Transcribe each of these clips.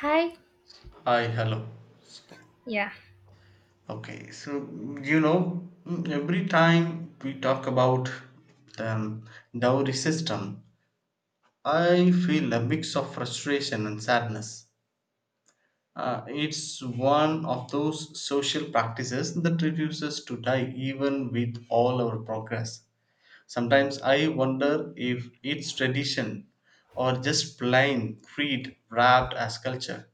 Hi. Hi, hello. So, Yeah, every time we talk about the dowry system, I feel a mix of frustration and sadness. It's one of those social practices that refuses to die even with all our progress. Sometimes I wonder if it's tradition or just plain creed wrapped as culture.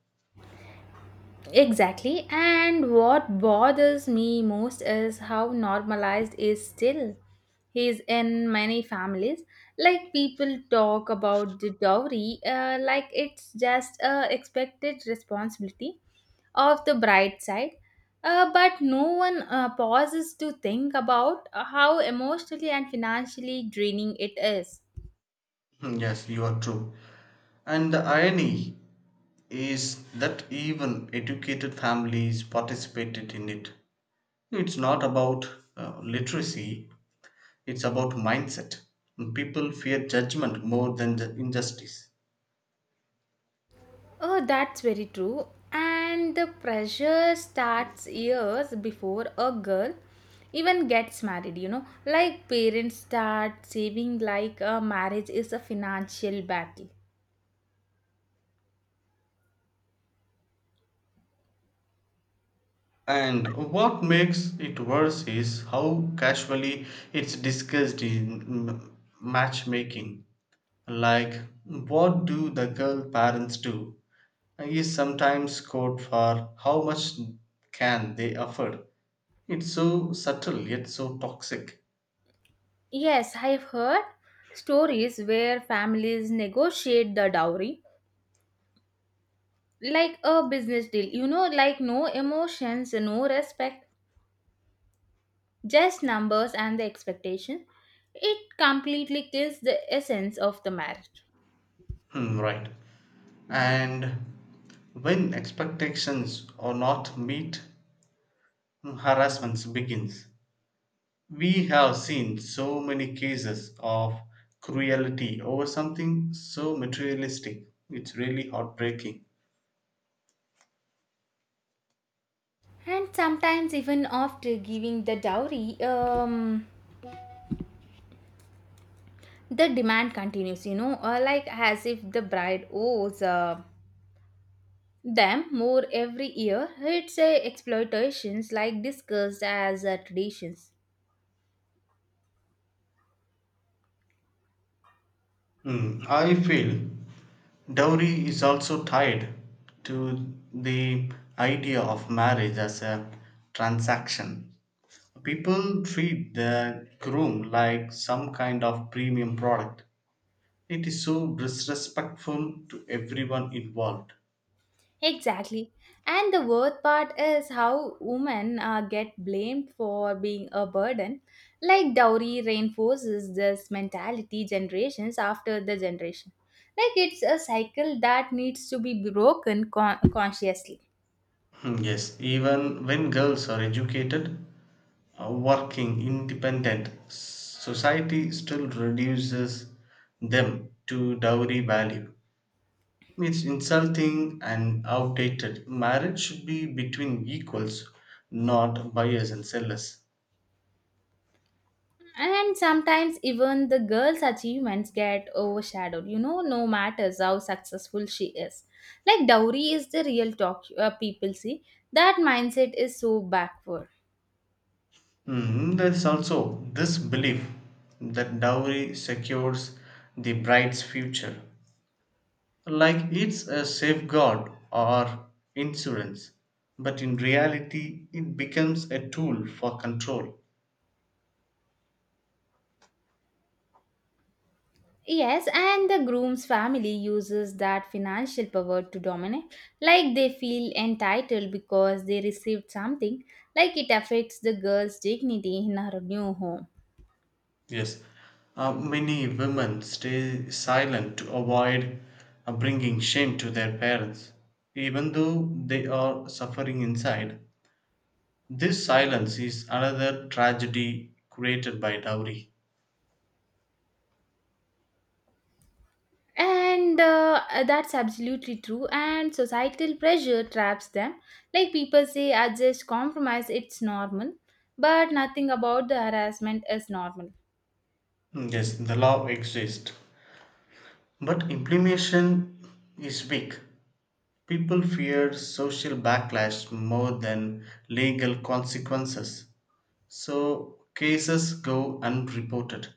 exactly. And what bothers me most is how normalized is still is in many families. Like people talk about the dowry, like it's just a expected responsibility of the bride side. But no one pauses to think about how emotionally and financially draining it is. Yes, you are true. And the irony is that even educated families participated in it. It's not about literacy, it's about mindset. People fear judgment more than the injustice. Oh, that's very true. And the pressure starts years before a girl even gets married, you know. Like parents start saving like a marriage is a financial battle. And what makes it worse is how casually it's discussed in matchmaking. Like, what do the girl parents do? Is sometimes code for how much can they afford. It's so subtle yet so toxic. Yes, I've heard stories where families negotiate the dowry like a business deal, you know, like no emotions, no respect, just numbers and the expectation. It completely kills the essence of the marriage. Hmm, right. And when expectations are not met, harassment begins. We have seen so many cases of cruelty over something so materialistic. It's really heartbreaking. And sometimes, even after giving the dowry, the demand continues, you know, like as if the bride owes them more every year. It's exploitations, like discussed as traditions. Hmm, I feel dowry is also tied to the idea of marriage as a transaction. People treat the groom like some kind of premium product. It is so disrespectful to everyone involved. Exactly. And the worst part is how women get blamed for being a burden. Like dowry reinforces this mentality generations after the generation. Like it's a cycle that needs to be broken consciously. Hmm, yes, even when girls are educated, a working independent society still reduces them to dowry value. It's insulting and outdated. Marriage should be between equals, not buyers and sellers. And sometimes even the girl's achievements get overshadowed, you know, no matters how successful she is. Like dowry is the real talk people see. That mindset is so backward. Mm, there's also this belief that dowry secures the bride's future, like it's a safeguard or insurance, but in reality, it becomes a tool for control. Yes, and the groom's family uses that financial power to dominate, like they feel entitled because they received something, like it affects the girl's dignity in her new home. Yes, many women stay silent to avoid bringing shame to their parents, even though they are suffering inside. This silence is another tragedy created by dowry. And that's absolutely true, and societal pressure traps them. Like people say, adjust, compromise, it's normal, but nothing about the harassment is normal. Mm, yes, the law exists, but implementation is weak. People fear social backlash more than legal consequences, so cases go unreported.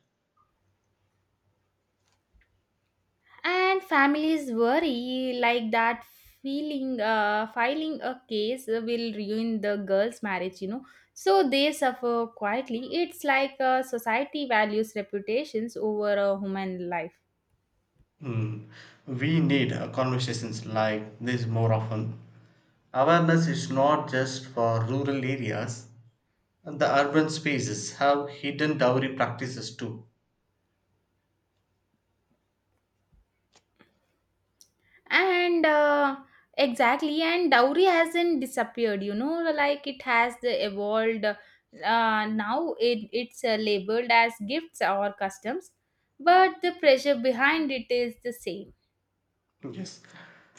And families worry like that feeling filing a case will ruin the girl's marriage, you know, so they suffer quietly. It's like society values reputations over a human life. Hmm. We need conversations like this more often. Awareness is not just for rural areas, the urban spaces have hidden dowry practices too. And exactly, and dowry hasn't disappeared, you know, like it has the evolved. Now it's labeled as gifts or customs, but the pressure behind it is the same. Yes.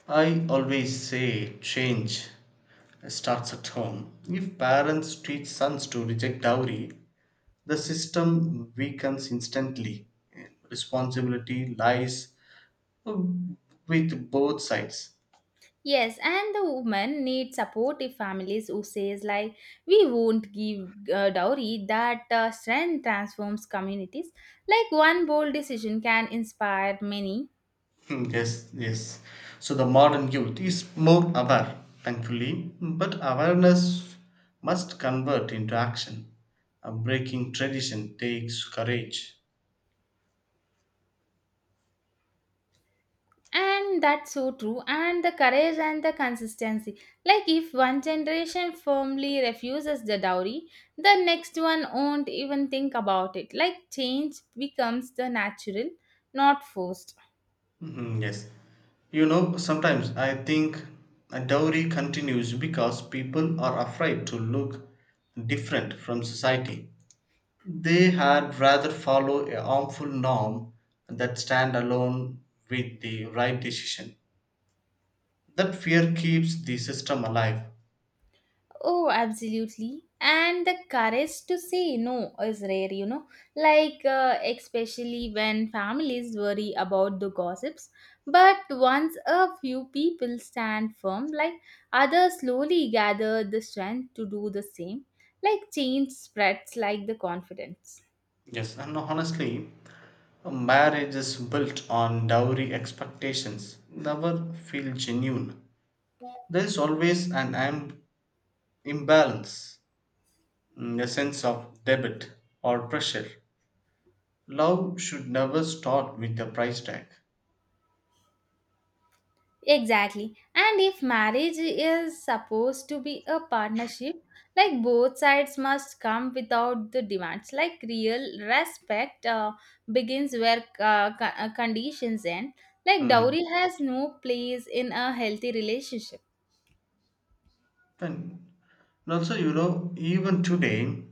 I always say change starts at home. If parents teach sons to reject dowry, the system weakens instantly. Responsibility lies with both sides. Yes, and the woman needs supportive families who says like we won't give dowry. That strength transforms communities. Like one bold decision can inspire many, Hmm, yes, yes. So the modern youth is more aware, thankfully, but awareness must convert into action. Breaking tradition takes courage. and that's so true. And the courage and the consistency. Like if one generation firmly refuses the dowry, the next one won't even think about it. Like change becomes the natural, not forced. Mhm, yes. You know, sometimes I think a dowry continues because people are afraid to look different from society. They had rather follow a harmful norm that stand alone with the right decision. That fear keeps the system alive. Oh, absolutely. And the courage to say no is rare, you know. Like, especially when families worry about the gossips. But once a few people stand firm, like, others slowly gather the strength to do the same. Like, change spreads like the confidence. Yes, and honestly, marriage is built on dowry expectations, never feel genuine. There is always an imbalance, mm, a sense of debit or pressure. Love should never start with a price tag. Exactly. And if marriage is supposed to be a partnership, like both sides must come without the demands. Like real respect begins where conditions end. Like Mm. dowry has no place in a healthy relationship. And and also, you know, even today,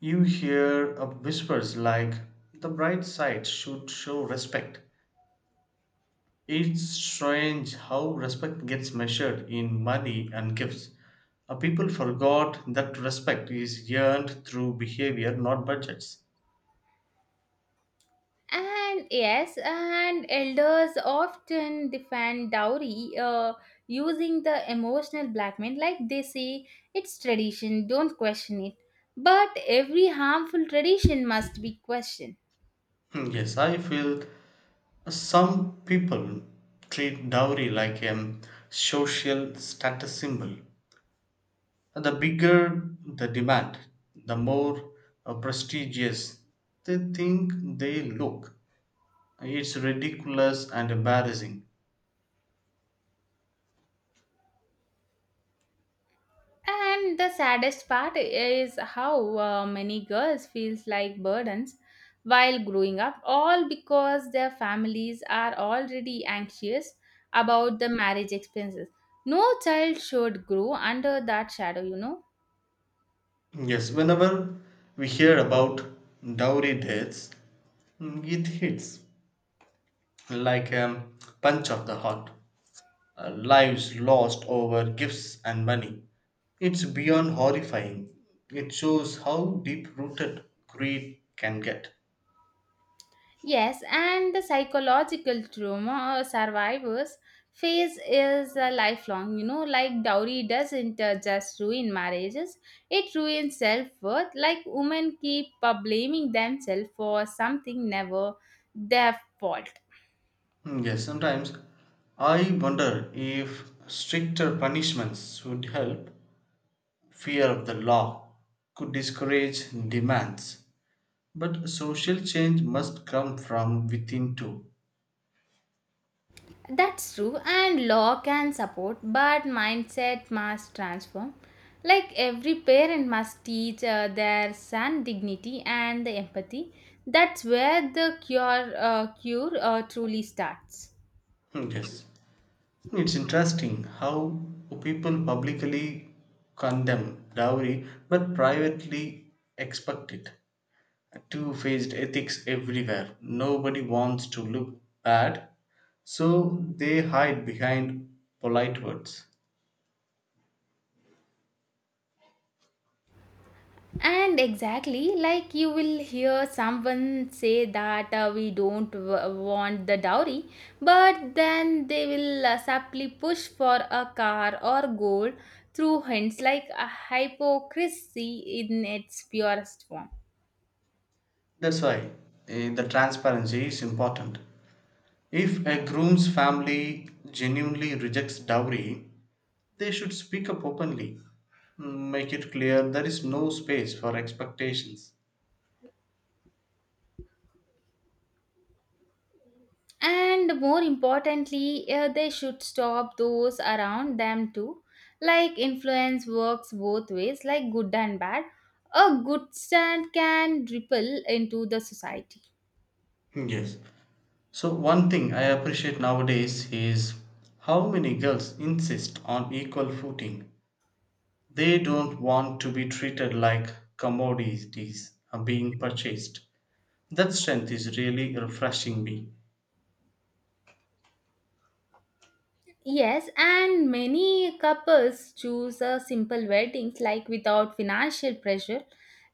you hear of whispers like the bride's side should show respect. It's strange how respect gets measured in money and gifts. People forgot that respect is earned through behavior, not budgets. And yes, and elders often defend dowry using the emotional blackmail, like they say, it's tradition, don't question it. But every harmful tradition must be questioned. Hmm, yes, I feel some people treat dowry like a social status symbol. The bigger the demand, the more prestigious they think they look. It's ridiculous and embarrassing. And the saddest part is how many girls feels like burdens while growing up, all because their families are already anxious about the marriage expenses. No child should grow under that shadow, you know. Yes, whenever we hear about dowry deaths, mm, it hits like a punch of the heart. Lives lost over gifts and money. It's beyond horrifying. It shows how deep rooted greed can get. Yes, and the psychological trauma survivors face is a lifelong. You know, like dowry doesn't just ruin marriages, it ruins self worth. Like women keep blaming themselves for something never their fault. Mm, yes, sometimes I wonder if stricter punishments would help. Fear of the law could discourage demands. But social change must come from within too. That's true, and law can support, but mindset must transform. Like every parent must teach their son dignity and the empathy. That's where the cure truly starts. Hmm, yes. It's interesting how people publicly condemn dowry but privately expect it. Two faced ethics everywhere. Nobody wants to look bad, so they hide behind polite words. And exactly, like you will hear someone say that we don't want the dowry, but then they will subtly push for a car or gold through hints like a hypocrisy in its purest form. That's why the transparency is important. If a groom's family genuinely rejects dowry, they should speak up openly, mm, make it clear there is no space for expectations. And more importantly, they should stop those around them too. Like influence works both ways, like good and bad. A good stand can ripple into the society. Yes. So, one thing I appreciate nowadays is how many girls insist on equal footing. They don't want to be treated like commodities are being purchased. That strength is really refreshing me. Yes, and many couples choose a simple weddings like without financial pressure.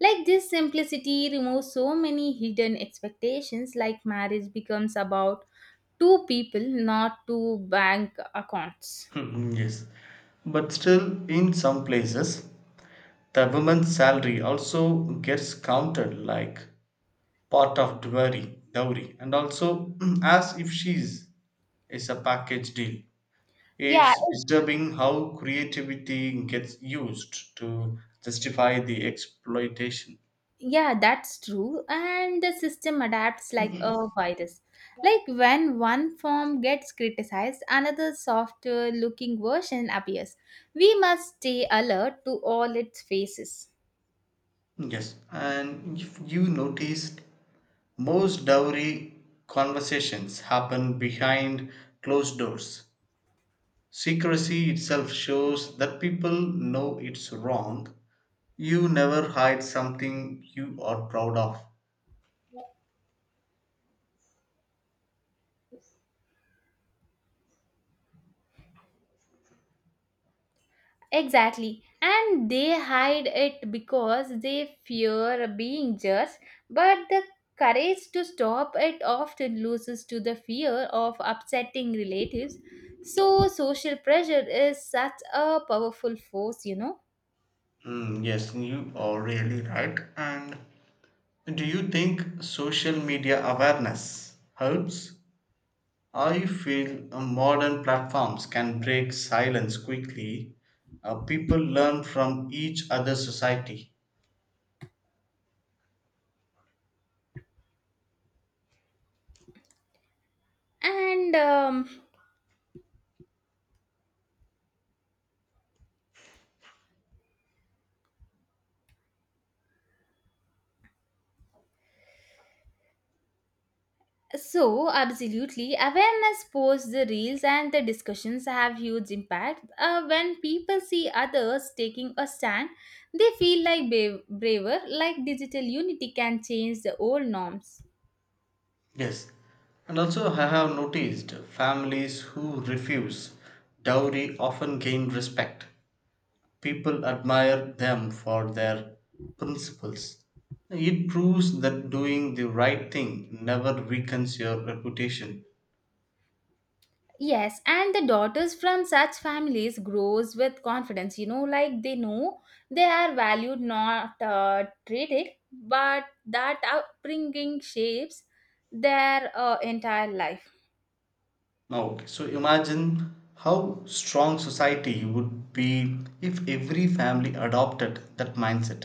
Like this simplicity removes so many hidden expectations like marriage becomes about two people, not two bank accounts. Hmm, yes. But still, in some places, the woman's salary also gets counted like part of dowry and also as if she's is a package deal. Yeah, It's disturbing how creativity gets used to justify the exploitation. yeah, that's true. And the system adapts like a virus. Like when one form gets criticized, another softer looking version appears. We must stay alert to all its faces. Yes, and if you noticed, most dowry conversations happen behind closed doors. Secrecy itself shows that people know it's wrong. You never hide something you are proud of. Exactly. And they hide it because they fear being judged, but the courage to stop it often loses to the fear of upsetting relatives. So, social pressure is such a powerful force, you know. Mm, yes, you are really right. And do you think social media awareness helps? I feel modern platforms can break silence quickly. People learn from each other society. And so, absolutely, awareness posts, the reels, and the discussions have huge impact. When people see others taking a stand, they feel like braver, like digital unity can change the old norms. Yes. And also, I have noticed families who refuse dowry often gain respect. People admire them for their principles. It proves that doing the right thing never weakens your reputation. Yes, and the daughters from such families grows with confidence. You know, like they know they are valued, not treated, but that upbringing shapes their entire life. Now, okay, so imagine how strong society would be if every family adopted that mindset.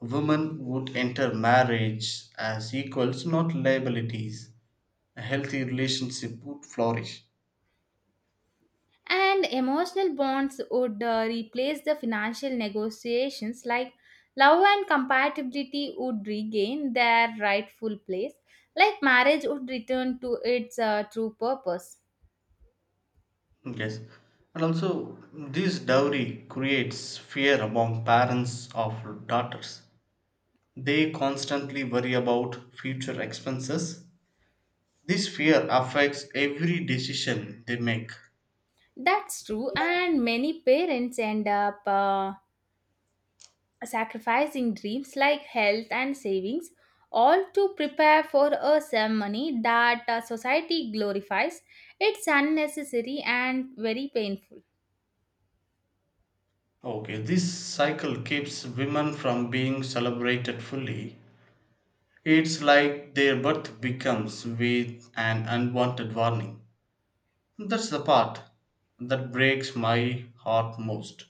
Women would enter marriage as equals, not liabilities. A healthy relationship would flourish. And emotional bonds would replace the financial negotiations, like love and compatibility would regain their rightful place, like marriage would return to its true purpose. Yes, and also this dowry creates fear among parents of daughters. They constantly worry about future expenses. This fear affects every decision they make. That's true, and many parents end up sacrificing dreams like health and savings, all to prepare for a ceremony that society glorifies. It's unnecessary and very painful. Okay, this cycle keeps women from being celebrated fully. It's like their birth becomes with an unwanted warning. That's the part that breaks my heart most.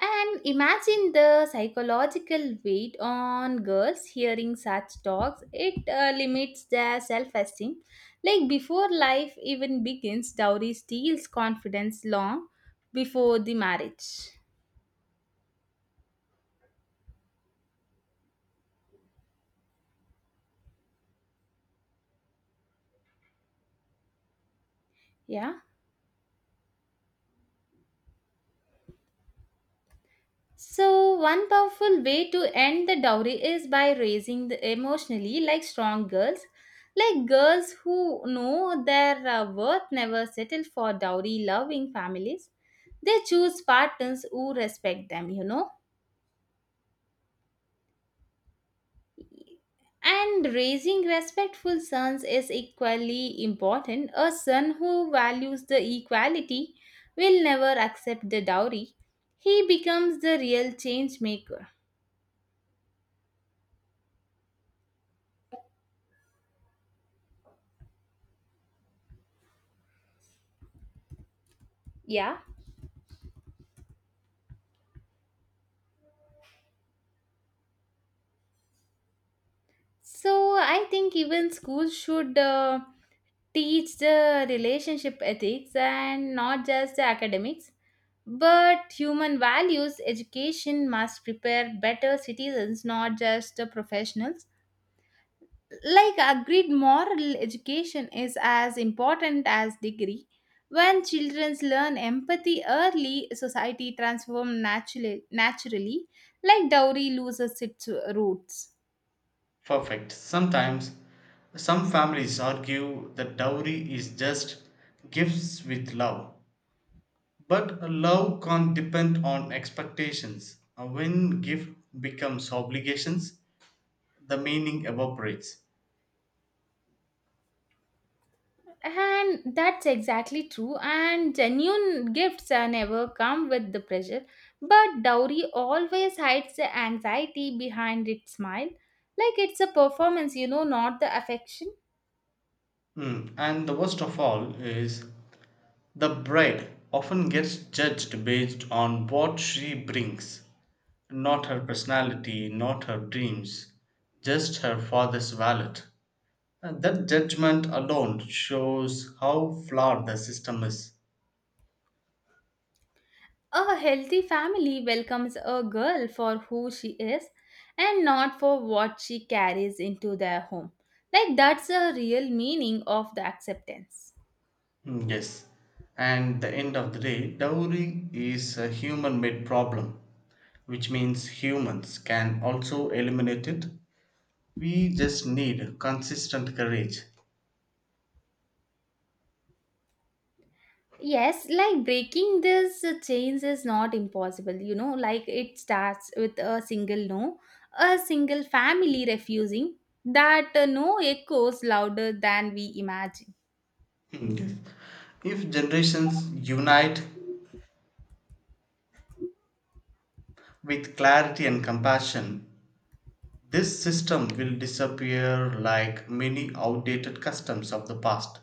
And imagine the psychological weight on girls hearing such talks. It limits their self esteem. Like before life even begins, dowry steals confidence long before the marriage. Yeah. So, one powerful way to end the dowry is by raising the emotionally like strong girls. Like girls who know their worth never settle for dowry loving families. They choose partners who respect them, you know. And raising respectful sons is equally important. A son who values the equality will never accept the dowry. He becomes the real change maker. Yeah. So I think even schools should teach the relationship ethics and not just the academics, but human values education must prepare better citizens, not just the professionals. Like agreed moral education is as important as degree. When children learn empathy early, society transforms naturally. Naturally, like dowry loses its roots. Perfect. Sometimes some families argue that dowry is just gifts with love. But love can't depend on expectations. When gift becomes obligations, the meaning evaporates. And that's exactly true. And genuine gifts never come with the pressure. But dowry always hides the anxiety behind its smile. Like it's a performance, you know, not the affection. Hmm, and the worst of all is the bride often gets judged based on what she brings, not her personality, not her dreams, just her father's wallet. And that judgment alone shows how flawed the system is. A healthy family welcomes a girl for who she is and not for what she carries into their home. Like that's the real meaning of the acceptance. Mm, yes. And the end of the day, dowry is a human made problem, which means humans can also eliminate it. We just need consistent courage. Yes, like breaking this chains is not impossible, you know, like it starts with a single no, a single family refusing. That no echoes louder than we imagine. Mm, yes. If generations unite with clarity and compassion, this system will disappear like many outdated customs of the past.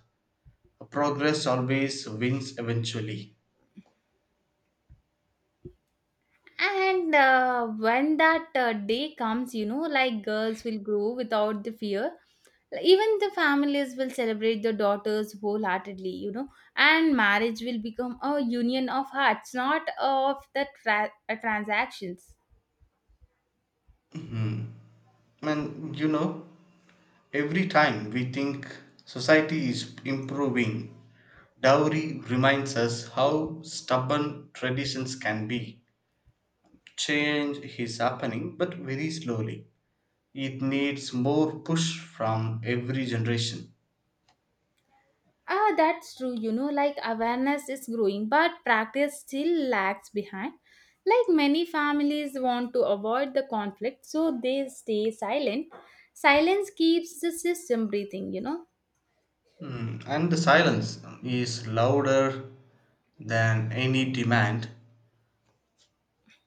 Progress always wins eventually. And when that day comes, you know, like girls will grow without the fear. Even the families will celebrate the daughters wholeheartedly, you know, and marriage will become a union of hearts, not of the transactions. And you know, every time we think society is improving, dowry reminds us how stubborn traditions can be. Change is happening, but very slowly. It needs more push from every generation. Ah, that's true. You know, like awareness is growing, but practice still lags behind. Like many families want to avoid the conflict, so they stay silent. Silence keeps the system breathing, you know. Hmm, and the silence is louder than any demand.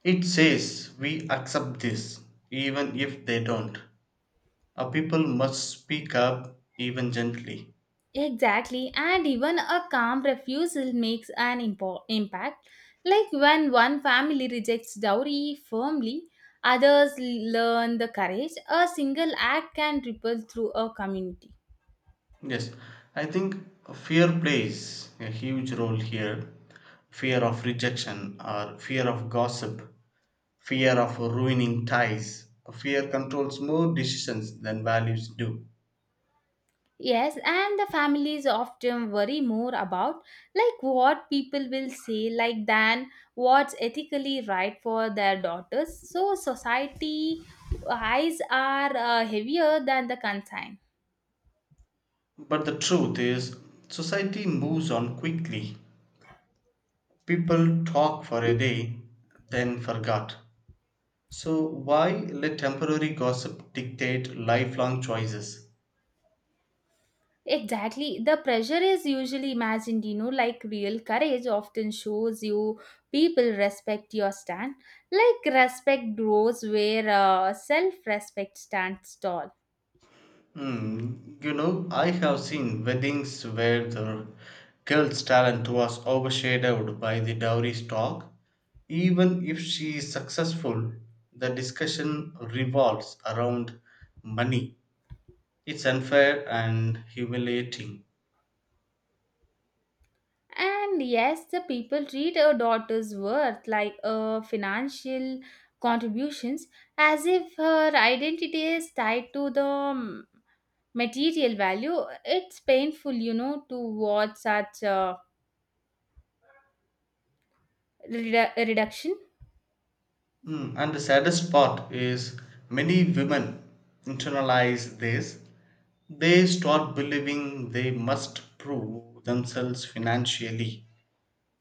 It says we accept this, even if they don't. Our people must speak up, even gently. Exactly, and even a calm refusal makes an impact. Like when one family rejects dowry firmly, others learn the courage. A single act can ripple through a community. Yes, I think fear plays a huge role here. Fear of rejection or fear of gossip, fear of ruining ties. Fear controls more decisions than values do. Yes, and the families often worry more about like what people will say like than what's ethically right for their daughters. So society eyes are heavier than the concern. But the truth is, society moves on quickly. People talk for a day, then forgot. So, why let temporary gossip dictate lifelong choices? Exactly. The pressure is usually imagined, you know, like real courage often shows you people respect your stand. Like respect grows where self-respect stands tall. Hmm, you know, I have seen weddings where the girl's talent was overshadowed by the dowry stock. Even if she is successful, the discussion revolves around money. It's unfair and humiliating. And yes, the people treat a daughter's worth like a financial contributions as if her identity is tied to the material value. It's painful, you know, to watch such a reduction. Mm, and the saddest part is many women internalize this. They start believing they must prove themselves financially.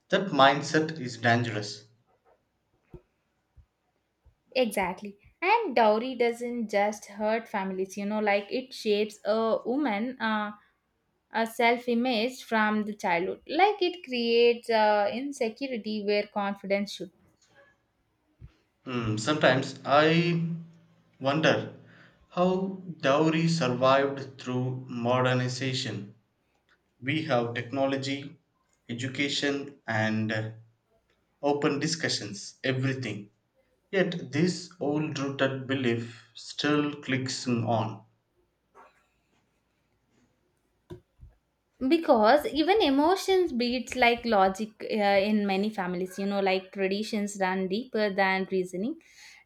That mindset is dangerous. Exactly. And dowry doesn't just hurt families, you know, like it shapes a woman, a self image from the childhood. Like it creates insecurity where confidence should. Hmm, sometimes I wonder how dowry survived through modernization. We have technology, education, and open discussions, everything. Yet this old rooted belief still clicks on. Because even emotions beats like logic in many families, you know, like traditions run deeper than reasoning.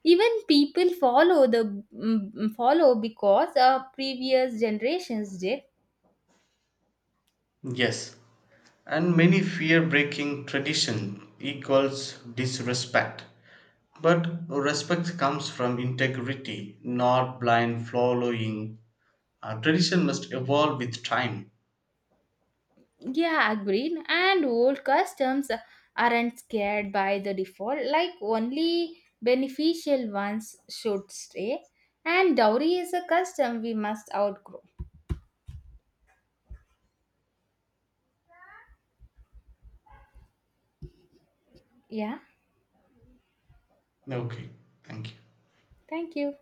Even people follow the follow because previous generations did. Yes, and many fear breaking tradition equals disrespect. But respect comes from integrity, not blind following. Tradition must evolve with time. Yeah, agreed. And old customs aren't scared by the default, like only beneficial ones should stay, and dowry is a custom we must outgrow. Yeah, Okay, thank you. thank you.